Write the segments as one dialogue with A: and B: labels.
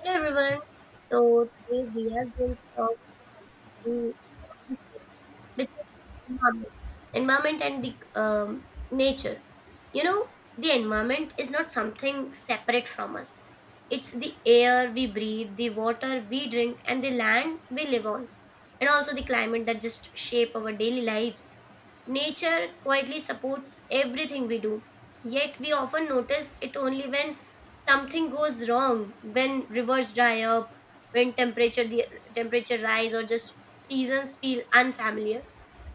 A: Hello, everyone. So Today we are going to talk to with environment, environment and the nature. You know, the environment is not something separate from us. It's the air we breathe, the water we drink, and the land we live on, and also the climate that just shape our daily lives. Nature quietly supports everything we do, yet we often notice it only when something goes wrong, when rivers dry up, when temperature the temperature rise or just seasons feel unfamiliar.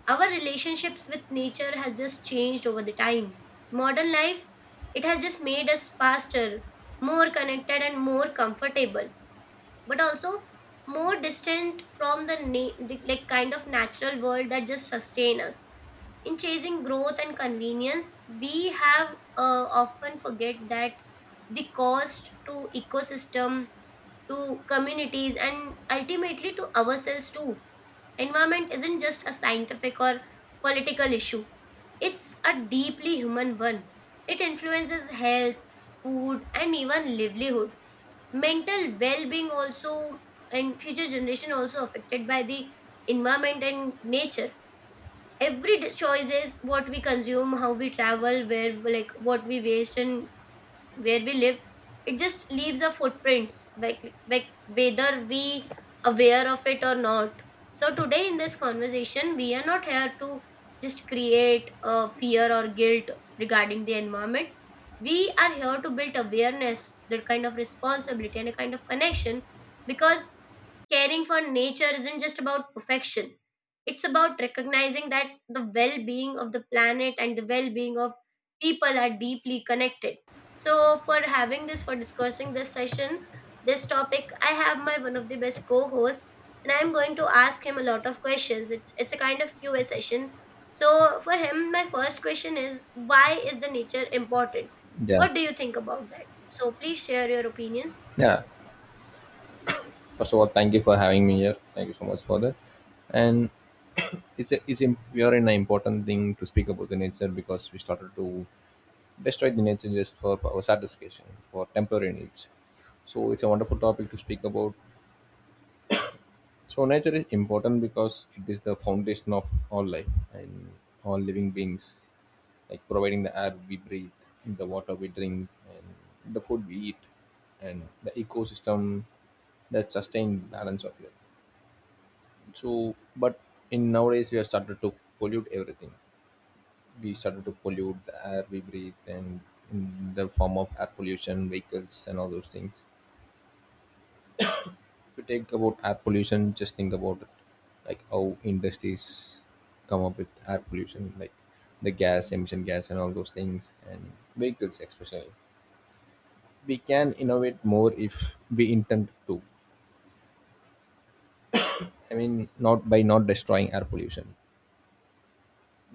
A: Our relationships with nature has just changed over the time. Modern life, it has just made us faster, more connected and more comfortable, but also more distant from the like kind of natural world that just sustain us. In chasing growth and convenience, we have often forget that the cost to ecosystem, to communities, and ultimately to ourselves too. Environment isn't just a scientific or political issue; it's a deeply human one. It influences health, food, and even livelihood. Mental well-being also and future generation also affected by the environment and nature. Choice is what we consume, how we travel, where, like what we waste and where we live, it just leaves a footprints, like whether we aware of it or not. So today in this conversation we are not here to just create a fear or guilt regarding the environment. We are here to build awareness, that kind of responsibility and a kind of connection. Because caring for nature isn't just about perfection, it's about recognizing that the well being of the planet and the well being of people are deeply connected. So, for having this, for discussing this session, this topic, I have my one of the best co hosts, and I'm going to ask him a lot of questions. It's a kind of QA session. So, for him, my first question is, why is the nature important?
B: Yeah,
A: What do you think about that? So, please share your opinions.
B: yeah. First of all, thank you for having me here. Thank you so much for that. And it's a, it's im we are in an important thing to speak about the nature because we started to destroy the nature just for our satisfaction for temporary needs. So it's a wonderful topic to speak about. So nature is important because it is the foundation of all life and all living beings, like providing the air we breathe, the water we drink, and the food we eat, and the ecosystem that sustained balance of earth. So but in nowadays we have started to pollute everything. We started to pollute the air we breathe, and in the form of air pollution, vehicles and all those things. If you take about air pollution, just think about it, like how industries come up with air pollution, like the gas emission gas and all those things and vehicles, especially. We can innovate more if we intend to. I mean, not by not destroying air pollution.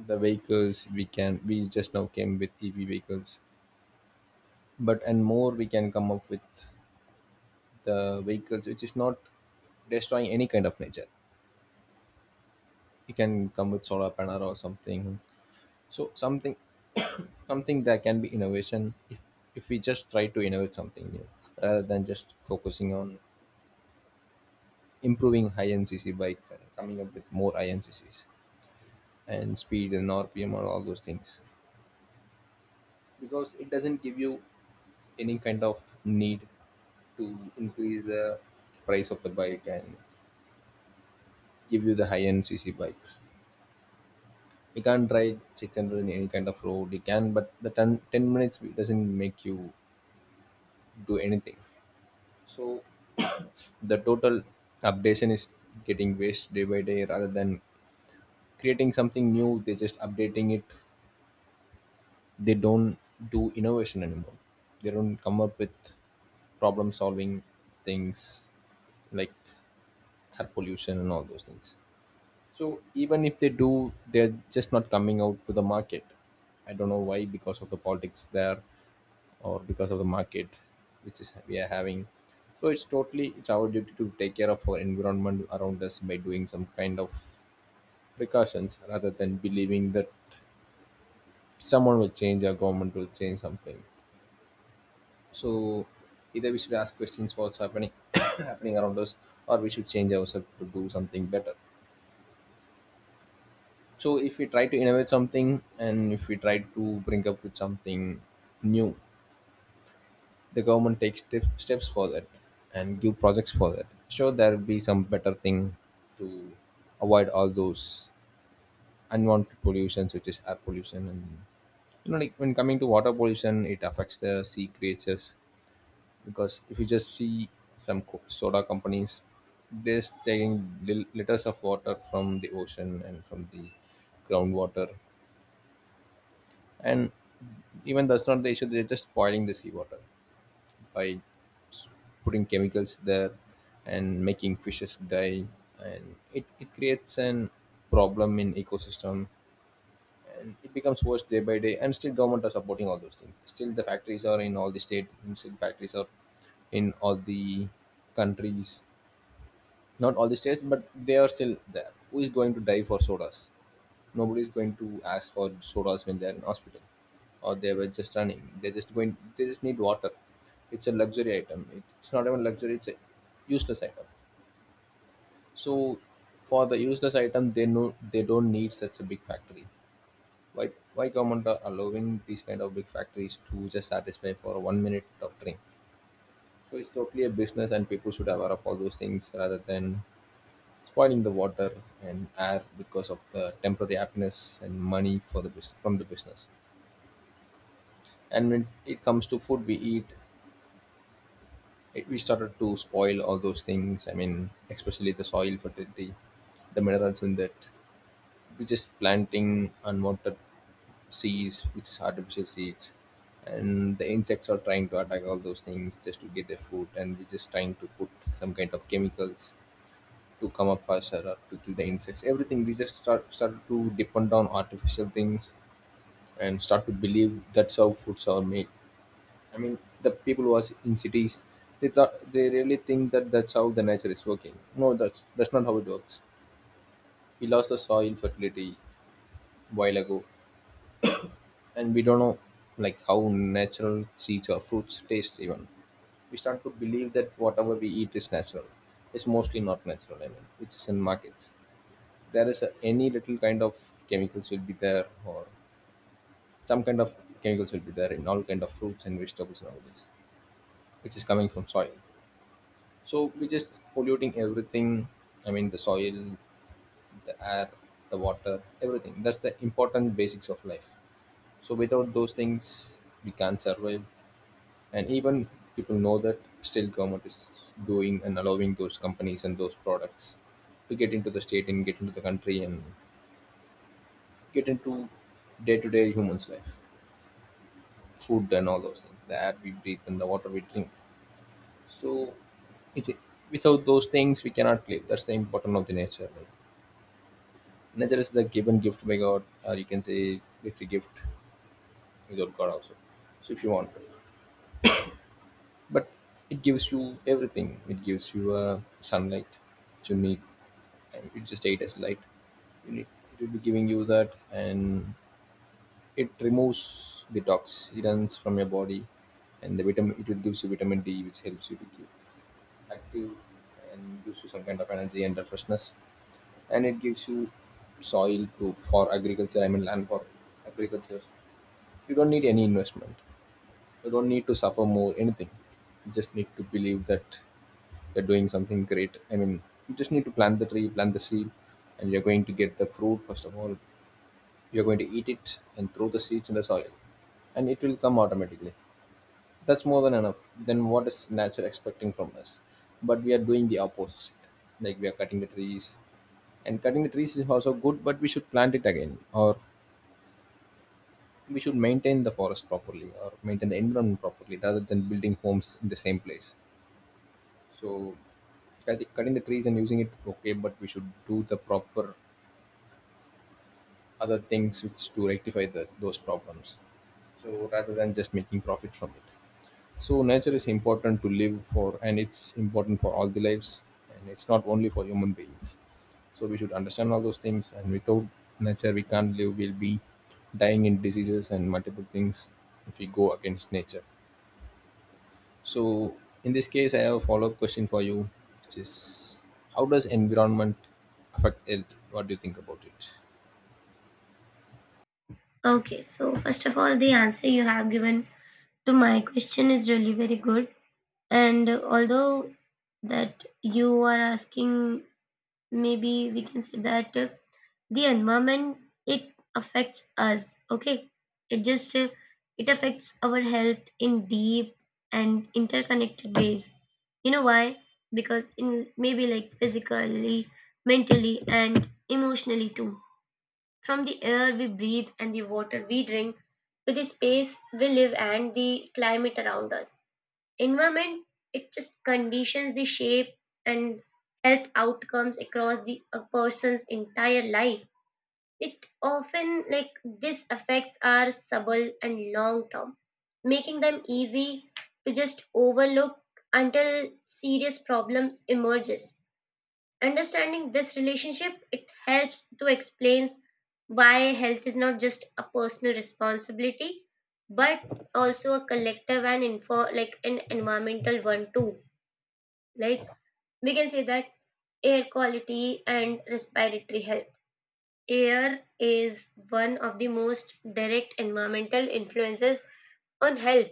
B: The vehicles, we just now came with EV vehicles, but and more we can come up with the vehicles which is not destroying any kind of nature. You can come with solar panel or something. So something, that can be innovation, if we just try to innovate something new rather than just focusing on improving high ncc bikes and coming up with more high inccs and speed and RPM or all those things, because it doesn't give you any kind of need to increase the price of the bike and give you the high end cc bikes. You can't ride 600 in any kind of road, you can, but the ten minutes doesn't make you do anything. So the total updation is getting waste day by day rather than creating something new. They're just updating it. They don't do innovation anymore. They don't come up with problem solving things like air pollution and all those things. So even if they do, they're just not coming out to the market. I don't know why, because of the politics there, or because of the market which is we are having. So it's totally, it's our duty to take care of our environment around us by doing some kind of precautions rather than believing that someone will change or government will change something. So either we should ask questions what's happening happening around us, or we should change ourselves to do something better. So if we try to innovate something, and if we try to bring up with something new, the government takes steps for that and give projects for that, sure there will be some better thing to avoid all those unwanted pollutions which is air pollution. And like when coming to water pollution, it affects the sea creatures, because if you just see some soda companies, they're taking liters of water from the ocean and from the groundwater. And even that's not the issue, they're just spoiling the seawater by putting chemicals there and making fishes die, and it creates an problem in ecosystem. And it becomes worse day by day, and still government are supporting all those things, still the factories are in all the state, and still factories are in all the countries, not all the states, but they are still there. Who is going to die for sodas? Nobody's going to ask for sodas when they're in hospital, or they were just running, they're just going, they just need water. It's a luxury item. It's not even luxury, it's a useless item. So for the useless item they know they don't need such a big factory. Why government are allowing these kind of big factories to just satisfy for one minute of drink? So it's totally a business, and people should aware of all those things rather than spoiling the water and air because of the temporary happiness and money for the from the business. And when it comes to food we eat, we started to spoil all those things. I mean, especially the soil fertility, the minerals in that. We just planting unwanted seeds which is artificial seeds, and the insects are trying to attack all those things just to get their food. And we're just trying to put some kind of chemicals to come up faster or to kill the insects. Everything we just started to depend on artificial things and start to believe that's how foods are made. I mean, the people who are in cities, they really think that that's how the nature is working. No, that's not how it works. We lost the soil fertility while ago, and we don't know like how natural seeds or fruits taste. Even we start to believe that whatever we eat is natural. It's mostly not natural. I mean, which is in markets. There is a, any little kind of chemicals will be there, or some kind of chemicals will be there in all kind of fruits and vegetables and all this, which is coming from soil. So we just polluting everything. I mean, the soil, the air, the water, everything. That's the important basics of life. So without those things, we can't survive. And even people know that, still government is doing and allowing those companies and those products to get into the state and get into the country and get into day-to-day humans' life, food and all those things, the air we breathe and the water we drink. So it's without those things we cannot live. That's the importance of the nature, right? Nature is the given gift by god, or you can say it's a gift without god also, so if you want. But it gives you everything. It gives you sunlight to need, and you just ate as light you need, it will be giving you that. And it removes the toxins from your body, and the vitamin, it will gives you vitamin D which helps you to keep active and gives you some kind of energy and refreshness. And it gives you soil to for agriculture. I mean, land for agriculture. You don't need any investment. You don't need to suffer more anything. You just need to believe that you're doing something great. I mean, you just need to plant the tree, plant the seed, and you're going to get the fruit first of all. You're going to eat it and throw the seeds in the soil, and it will come automatically. That's more than enough. Then what is nature expecting from us? But we are doing the opposite. Like we are cutting the trees, and cutting the trees is also good, but we should plant it again, or we should maintain the forest properly or maintain the environment properly rather than building homes in the same place. So I think cutting the trees and using it okay, but we should do the proper other things which to rectify the, those problems, so rather than just making profit from it. So nature is important to live for, and it's important for all the lives, and it's not only for human beings. So we should understand all those things, and without nature we can't live, we'll be dying in diseases and multiple things if we go against nature. So in this case, I have a follow-up question for you, which is how does environment affect health? What do you think about it?
A: Okay, so first of all, the answer you have given to my question is really very good. And although that you are asking, maybe we can say that the environment, it affects us. Okay, it just it affects our health in deep and interconnected ways. You know why? Because in maybe like physically, mentally, and emotionally too, from the air we breathe and the water we drink to the space we live and the climate around us. Environment, it just conditions the shape and health outcomes across the a person's entire life. It often, like, these effects are subtle and long term, making them easy to just overlook until serious problems emerges. Understanding this relationship, it helps to explain why health is not just a personal responsibility, but also a collective and info, like an environmental one too. Like, we can say that, air quality and respiratory health. Air is one of the most direct environmental influences on health.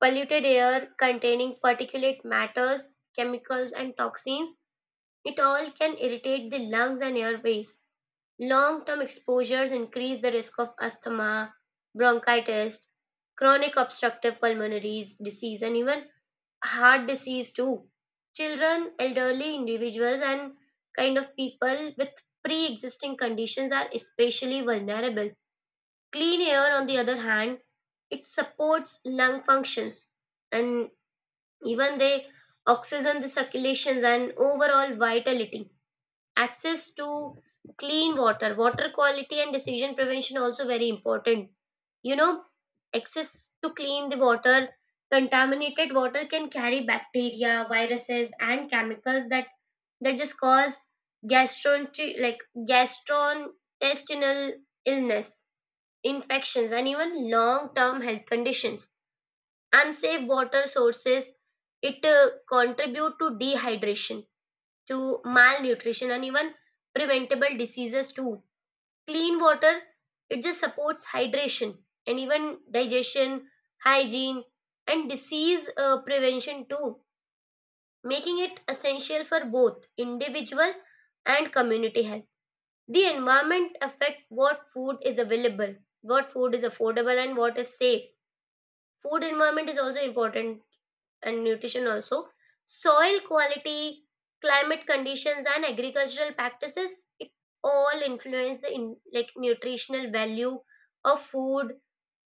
A: Polluted air containing particulate matters, chemicals, and toxins, it all can irritate the lungs and airways. Long-term exposures increase the risk of asthma, bronchitis, chronic obstructive pulmonary disease, and even heart disease too. Children, elderly individuals, and kind of people with pre-existing conditions are especially vulnerable. Clean air, on the other hand, it supports lung functions and even they oxygen the circulations and overall vitality. Access to clean water, water quality and decision prevention also very important. You know, access to clean the water. Contaminated water can carry bacteria, viruses and chemicals that just cause gastrointestinal like gastrointestinal illness, infections and even long term health conditions. Unsafe water sources, it contribute to dehydration, to malnutrition and even preventable diseases too. Clean water, it just supports hydration and even digestion, hygiene, and disease prevention too, making it essential for both individual and community health. The environment affect what food is available, what food is affordable, and what is safe. Food environment is also important and nutrition also. Soil quality, climate conditions and agricultural practices, it all influence the in, like nutritional value of food,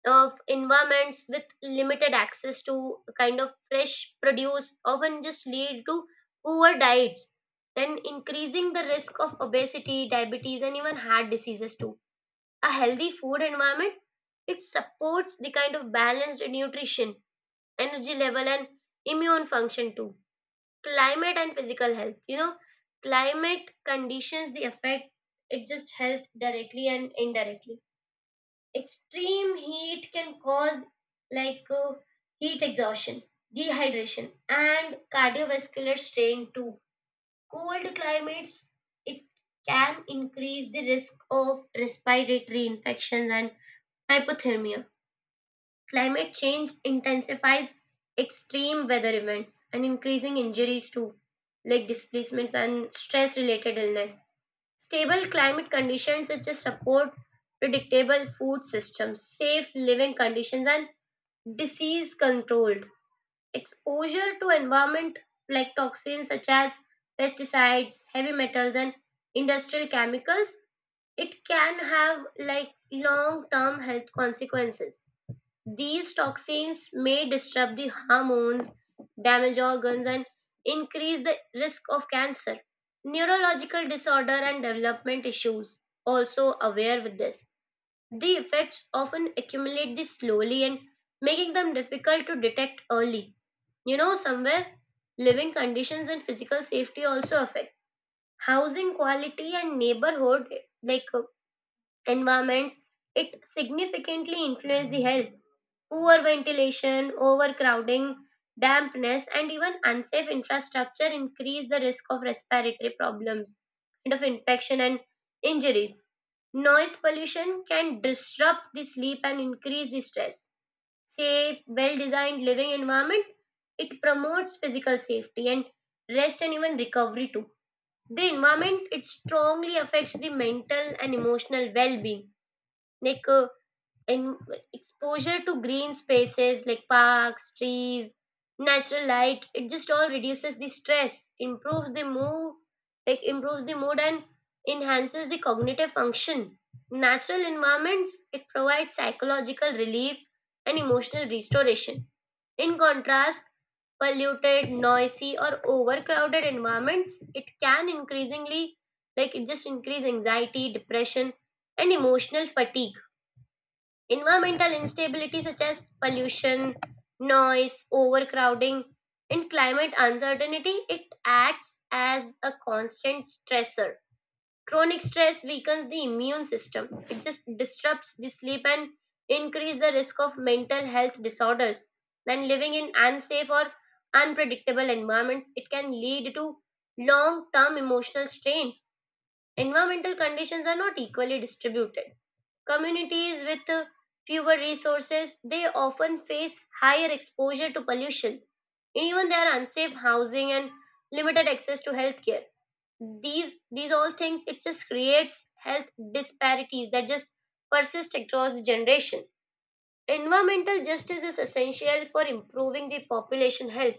A: of environments with limited access to kind of fresh produce, often just lead to poor diets and increasing the risk of obesity, diabetes and even heart diseases too. A healthy food environment, it supports the kind of balanced nutrition, energy level and immune function too. Climate and physical health, you know, climate conditions the affect, it just health directly and indirectly. Extreme heat can cause like heat exhaustion, dehydration and cardiovascular strain too. Cold climates, it can increase the risk of respiratory infections and hypothermia. Climate change intensifies extreme weather events and increasing injuries too, like displacements and stress related illness. Stable climate conditions such as support predictable food systems, safe living conditions, and disease controlled. Exposure to environment like toxins, such as pesticides, heavy metals, and industrial chemicals, it can have like long term health consequences. These toxins may disrupt the hormones, damage organs, and increase the risk of cancer, neurological disorder, and development issues. Also aware with this. The effects often accumulate this slowly and making them difficult to detect early. You know, somewhere living conditions and physical safety also affect housing quality and neighborhood, like environments, it significantly influences the health. Poor ventilation, overcrowding, dampness, and even unsafe infrastructure increase the risk of respiratory problems and of infection and injuries. Noise pollution can disrupt the sleep and increase the stress. Safe, well designed living environment, it promotes physical safety and rest and even recovery too. The environment it strongly affects the mental and emotional well being, like in exposure to green spaces like parks, trees, natural light, it just all reduces the stress, improves the mood, and enhances the cognitive function. Natural environments, it provides psychological relief and emotional restoration. In contrast, polluted, noisy or overcrowded environments, it can increasingly, like, it just increase anxiety, depression and emotional fatigue. Environmental instability, such as pollution, noise, overcrowding, and climate uncertainty, it acts as a constant stressor. Chronic stress weakens the immune system. It just disrupts the sleep and increases the risk of mental health disorders. Then living in unsafe or unpredictable environments, it can lead to long-term emotional strain. Environmental conditions are not equally distributed. Communities with fewer resources, they often face higher exposure to pollution and even their unsafe housing and limited access to healthcare. These all things, it just creates health disparities that just persist across the generation. Environmental justice is essential for improving the population health.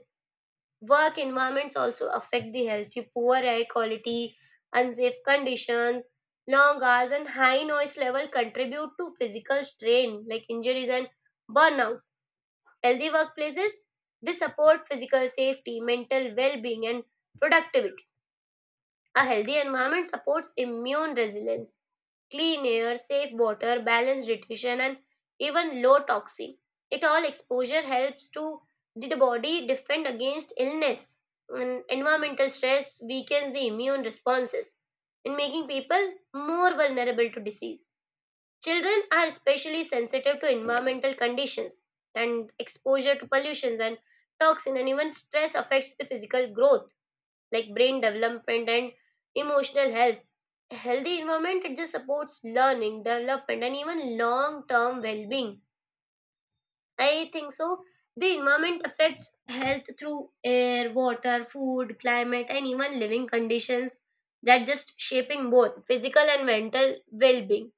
A: Work environments also affect the health. You poor air quality, unsafe conditions, long hours, and high noise level contribute to physical strain, like injuries and burnout. Healthy workplaces, they support physical safety, mental well-being, and productivity. A healthy environment supports immune resilience, clean air, safe water, balanced nutrition, and even low toxin. It all exposure helps to the body defend against illness. And environmental stress weakens the immune responses and making people more vulnerable to disease. Children are especially sensitive to environmental conditions, and exposure to pollutions and toxin and even stress affects the physical growth, like brain development and emotional health. A healthy environment, it just supports learning, development, and even long term well being. I think so. The environment affects health through air, water, food, climate, and even living conditions that just shaping both physical and mental well being.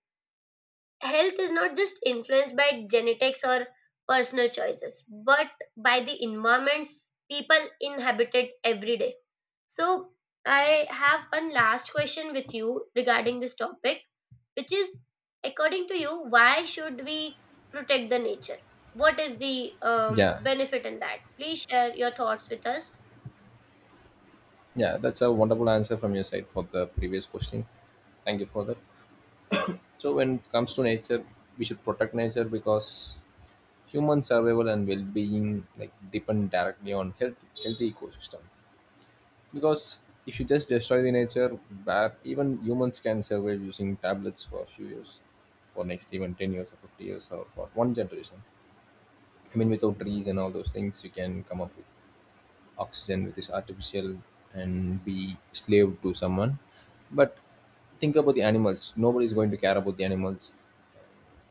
A: Health is not just influenced by genetics or personal choices, but by the environments people inhabited every day. So, I have one last question with you regarding this topic, which is, according to you, why should we protect the nature? What is the
B: Yeah,
A: benefit in that? Please share your thoughts with us.
B: yeah, that's a wonderful answer from your side for the previous question. Thank you for that. So when it comes to nature, we should protect nature because human survival and well-being like depend directly on health, healthy ecosystem. Because if you just destroy the nature, where even humans can survive using tablets for a few years, for next even 10 years or 50 years or for one generation. I mean, without trees and all those things, you can come up with oxygen which is artificial and be slave to someone. But think about the animals. Nobody is going to care about the animals.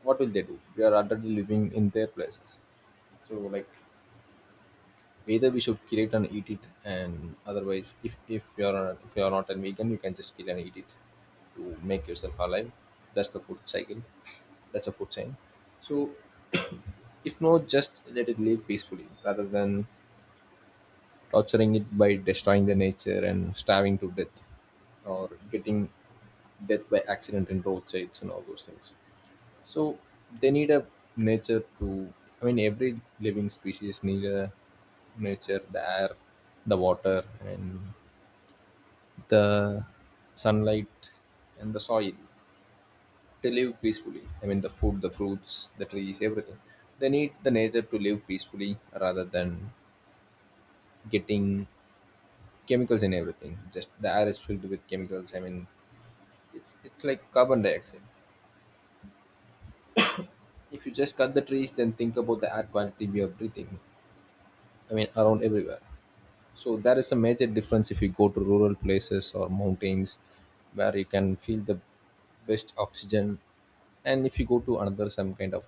B: What will they do? They are already living in their places. So, like, either we should kill it and eat it, and otherwise, if you are not a vegan, you can just kill and eat it to make yourself alive. That's the food cycle. That's a food chain. So, if not, just let it live peacefully rather than torturing it by destroying the nature and starving to death, or getting death by accident in roadsides and all those things. So they need a nature to. I mean, every living species need a nature, the air, the water, and the sunlight and the soil to live peacefully. I mean, the food, the fruits, the trees, everything. They need the nature to live peacefully rather than getting chemicals in everything. Just the air is filled with chemicals. I mean, it's like carbon dioxide. If you just cut the trees, then think about the air quality we are breathing, I mean, around everywhere. So there is a major difference if you go to rural places or mountains, where you can feel the best oxygen, and if you go to another some kind of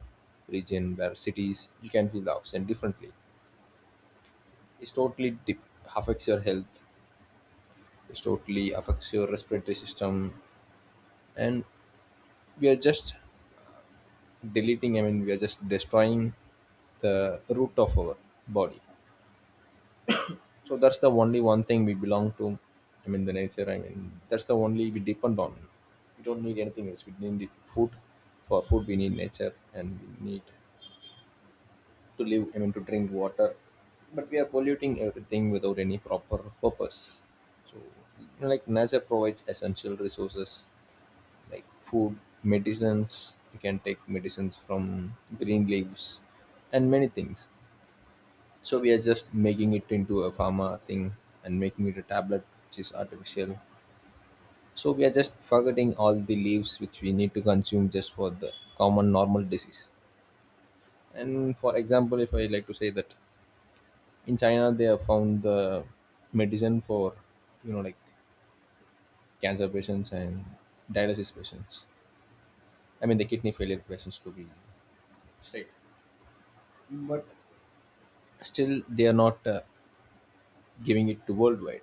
B: region where cities, you can feel the oxygen differently. It's totally dip- affects your health. It's totally affects your respiratory system, and we are just deleting, I mean, we are just destroying the root of our body. So that's the only one thing we belong to. I mean, the nature. I mean, that's the only we depend on. We don't need anything else. We need the food. For food, we need nature, and we need to live. I mean, to drink water. But we are polluting everything without any proper purpose. So, like, nature provides essential resources like food, medicines. You can take medicines from green leaves, and many things. So we are just making it into a pharma thing and making it a tablet which is artificial. So we are just forgetting all the leaves which we need to consume just for the common normal disease. And for example, if I like to say that in China they have found the medicine for, you know, like cancer patients and dialysis patients. I mean the kidney failure patients, to be straight, but still they are not giving it to worldwide.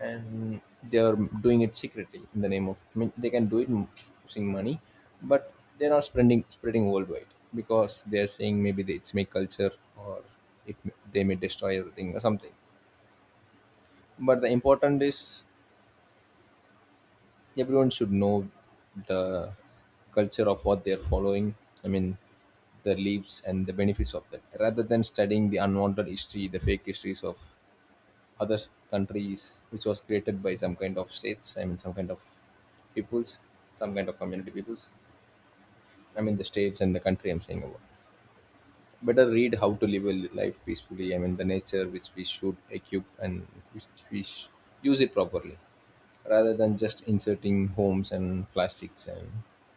B: And they are doing it secretly in the name of, I mean, they can do it using money, but they're not spreading worldwide, because they're saying maybe they, it's my culture, or they may destroy everything or something. But the important is everyone should know the culture of what they're following. I mean, the leaves and the benefits of that, rather than studying the unwanted history, the fake histories of other countries which was created by some kind of states, I mean, some kind of peoples, some kind of community peoples. I mean, the states and the country I'm saying about, better read how to live a life peacefully. I mean, the nature, which we should equip and which we sh- use it properly rather than just inserting homes and plastics and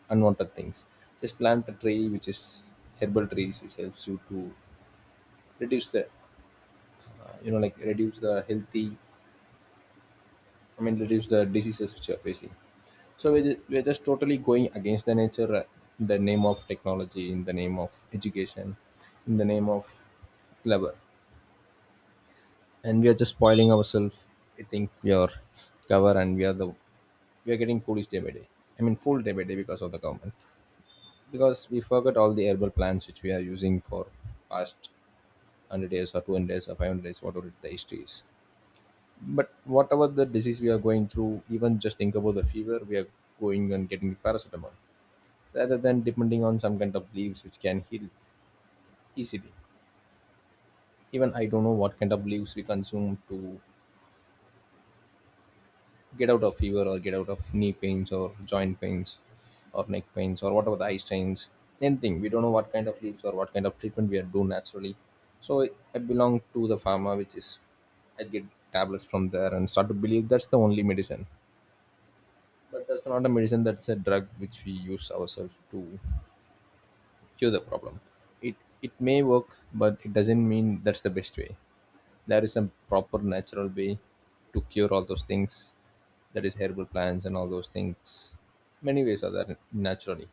B: unwanted things. Just plant a tree which is herbal trees, which helps you to reduce the you know, like reduce the healthy, I mean, reduce the diseases which you are facing. So we're just totally going against the nature in the name of technology, in the name of education, in the name of clever. And we are just spoiling ourselves. We think we are clever and we are the, we are getting foolish day by day. I mean, fool day by day because of the government. Because we forgot all the herbal plants which we are using for past 100 years or 200 years or 500 years, whatever the history is. But whatever the disease we are going through, even just think about the fever, we are going and getting paracetamol rather than depending on some kind of leaves which can heal easily. Even I don't know what kind of leaves we consume to get out of fever or get out of knee pains or joint pains or neck pains or whatever the eye strains, anything. We don't know what kind of leaves or what kind of treatment we are do naturally. So I belong to the pharma, which is I get tablets from there and start to believe that's the only medicine. But that's not a medicine. That's a drug which we use ourselves to cure the problem. It it may work, but it doesn't mean that's the best way. There is some proper natural way to cure all those things. That is herbal plants and all those things. Many ways are there naturally,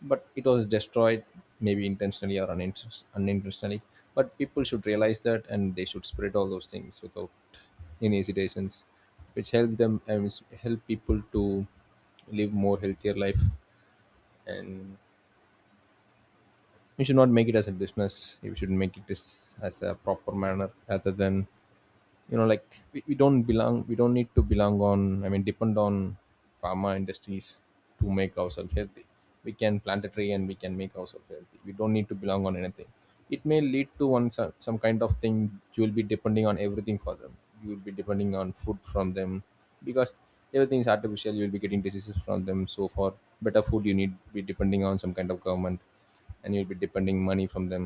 B: but it was destroyed maybe intentionally or unintentionally, but people should realize that and they should spread all those things without any hesitations, which help them and which help people to live more healthier life. And we should not make it as a business, we should make it as a proper manner rather than, you know, like we don't belong, we don't need to belong on, I mean, depend on pharma industries to make ourselves healthy. We can plant a tree and we can make ourselves healthy, we don't need to belong on anything. It may lead to one some kind of thing, you will be depending on everything for them. You will be depending on food from them, because everything is artificial, you will be getting diseases from them. So for better food you need be depending on some kind of government, and you'll be depending money from them,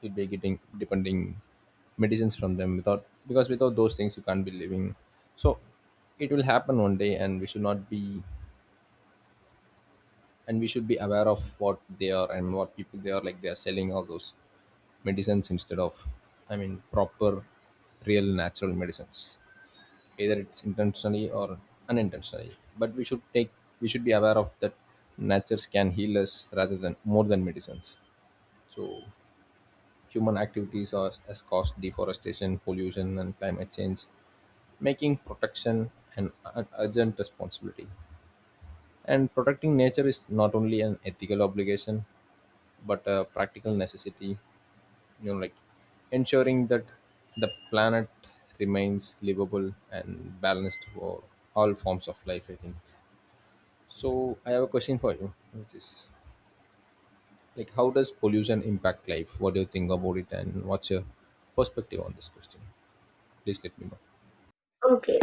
B: you'd be getting depending medicines from them without, because without those things you can't be living. So it will happen one day and we should not be, and we should be aware of what they are and what people they are, like they are selling all those medicines instead of, I mean, proper real natural medicines, either it's intentionally or unintentionally. But we should take, we should be aware of that. Natures can heal us rather than more than medicines. So human activities are, has caused deforestation, pollution, and climate change, making protection an urgent responsibility. And protecting nature is not only an ethical obligation but a practical necessity. You know, like ensuring that the planet remains livable and balanced for all forms of life, I think. So I have a question for you, which is like, how does pollution impact life? What do you think about it, and what's your perspective on this question? Please let me know.
A: Okay,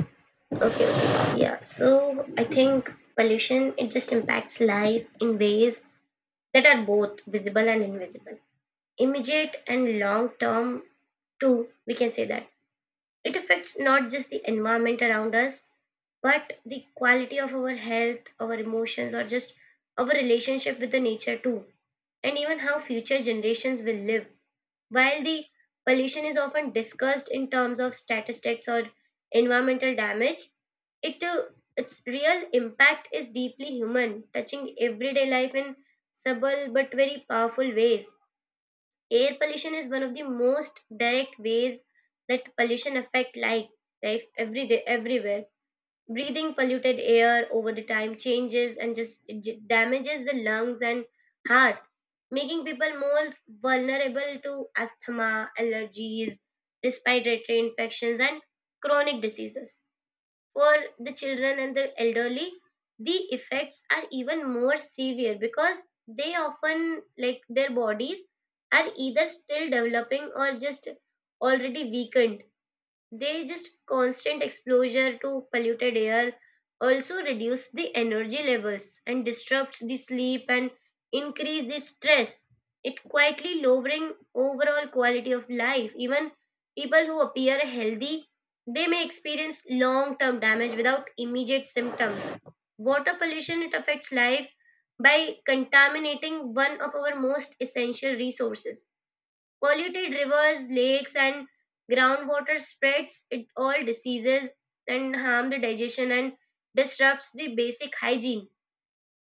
A: okay. Yeah, so I think pollution, it just impacts life in ways that are both visible and invisible. Immediate and long term too, we can say that. It affects not just the environment around us but the quality of our health, our emotions, or just our relationship with the nature too, and even how future generations will live. While the pollution is often discussed in terms of statistics or environmental damage, it its real impact is deeply human, touching everyday life in subtle but very powerful ways. Air pollution is one of the most direct ways that pollution affect life, life every day, everywhere. Breathing polluted air over the time changes and just damages the lungs and heart, making people more vulnerable to asthma, allergies, respiratory infections and chronic diseases. For the children and the elderly, the effects are even more severe, because they often, like, their bodies are either still developing or just already weakened. They just constant exposure to polluted air also reduce the energy levels and disrupts the sleep and increase the stress. It quietly lowering overall quality of life. Even people who appear healthy, they may experience long-term damage without immediate symptoms. Water pollution, it affects life by contaminating one of our most essential resources. Polluted rivers, lakes, and groundwater spreads it all diseases and harm the digestion and disrupts the basic hygiene.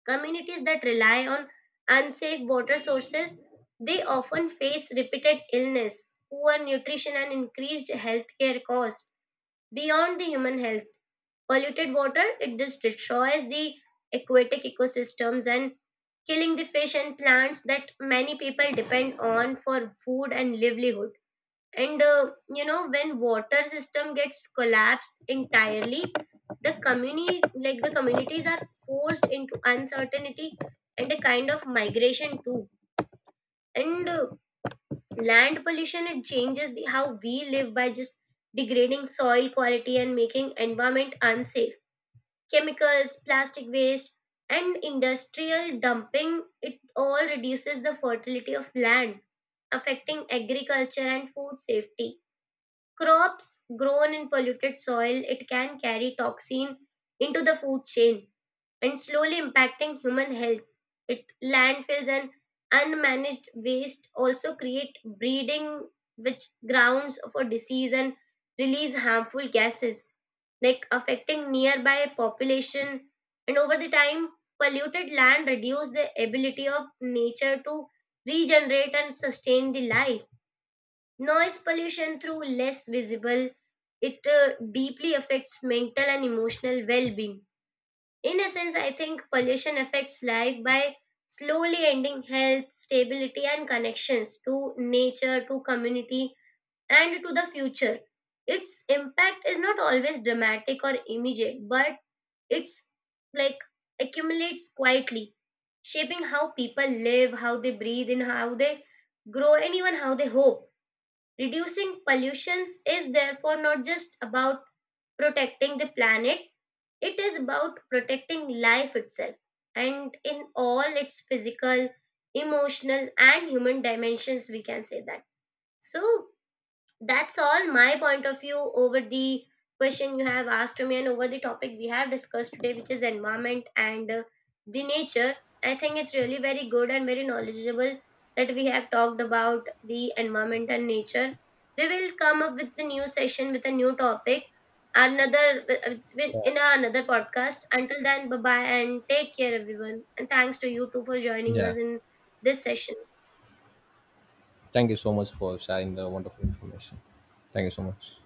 A: Communities that rely on unsafe water sources, they often face repeated illness, poor nutrition, and increased healthcare costs. Beyond the human health, polluted water, it just destroys the aquatic ecosystems and killing the fish and plants that many people depend on for food and livelihood. And you know, when water system gets collapsed entirely, the community, like the communities are forced into uncertainty and a kind of migration too. And land pollution, it changes the, how we live by just degrading soil quality and making environment unsafe. Chemicals, plastic waste and industrial dumping, it all reduces the fertility of land, affecting agriculture and food safety. Crops grown in polluted soil, it can carry toxin into the food chain and slowly impacting human health. It landfills and unmanaged waste also create breeding, which grounds for disease and release harmful gases, like affecting nearby population. And over the time, polluted land reduce the ability of nature to regenerate and sustain the life. Noise pollution, through less visible, it deeply affects mental and emotional well-being. In a sense, I think pollution affects life by slowly ending health, stability, and connections to nature, to community, and to the future. Its impact is not always dramatic or immediate, but it's, like, accumulates quietly, shaping how people live, how they breathe, and how they grow, and even how they hope. Reducing pollutions is therefore not just about protecting the planet, it is about protecting life itself and in all its physical, emotional, and human dimensions, we can say that. So, that's all my point of view over the question you have asked to me and over the topic we have discussed today, which is environment and the nature. I think it's really very good and very knowledgeable that we have talked about the environment and nature. We will come up with the new session with a new topic, another,
B: Yeah.
A: in another podcast. Until then, bye bye and take care everyone, and thanks to you too for joining
B: Yeah.
A: us in this session.
B: Thank you so much for sharing the wonderful information. Thank you so much.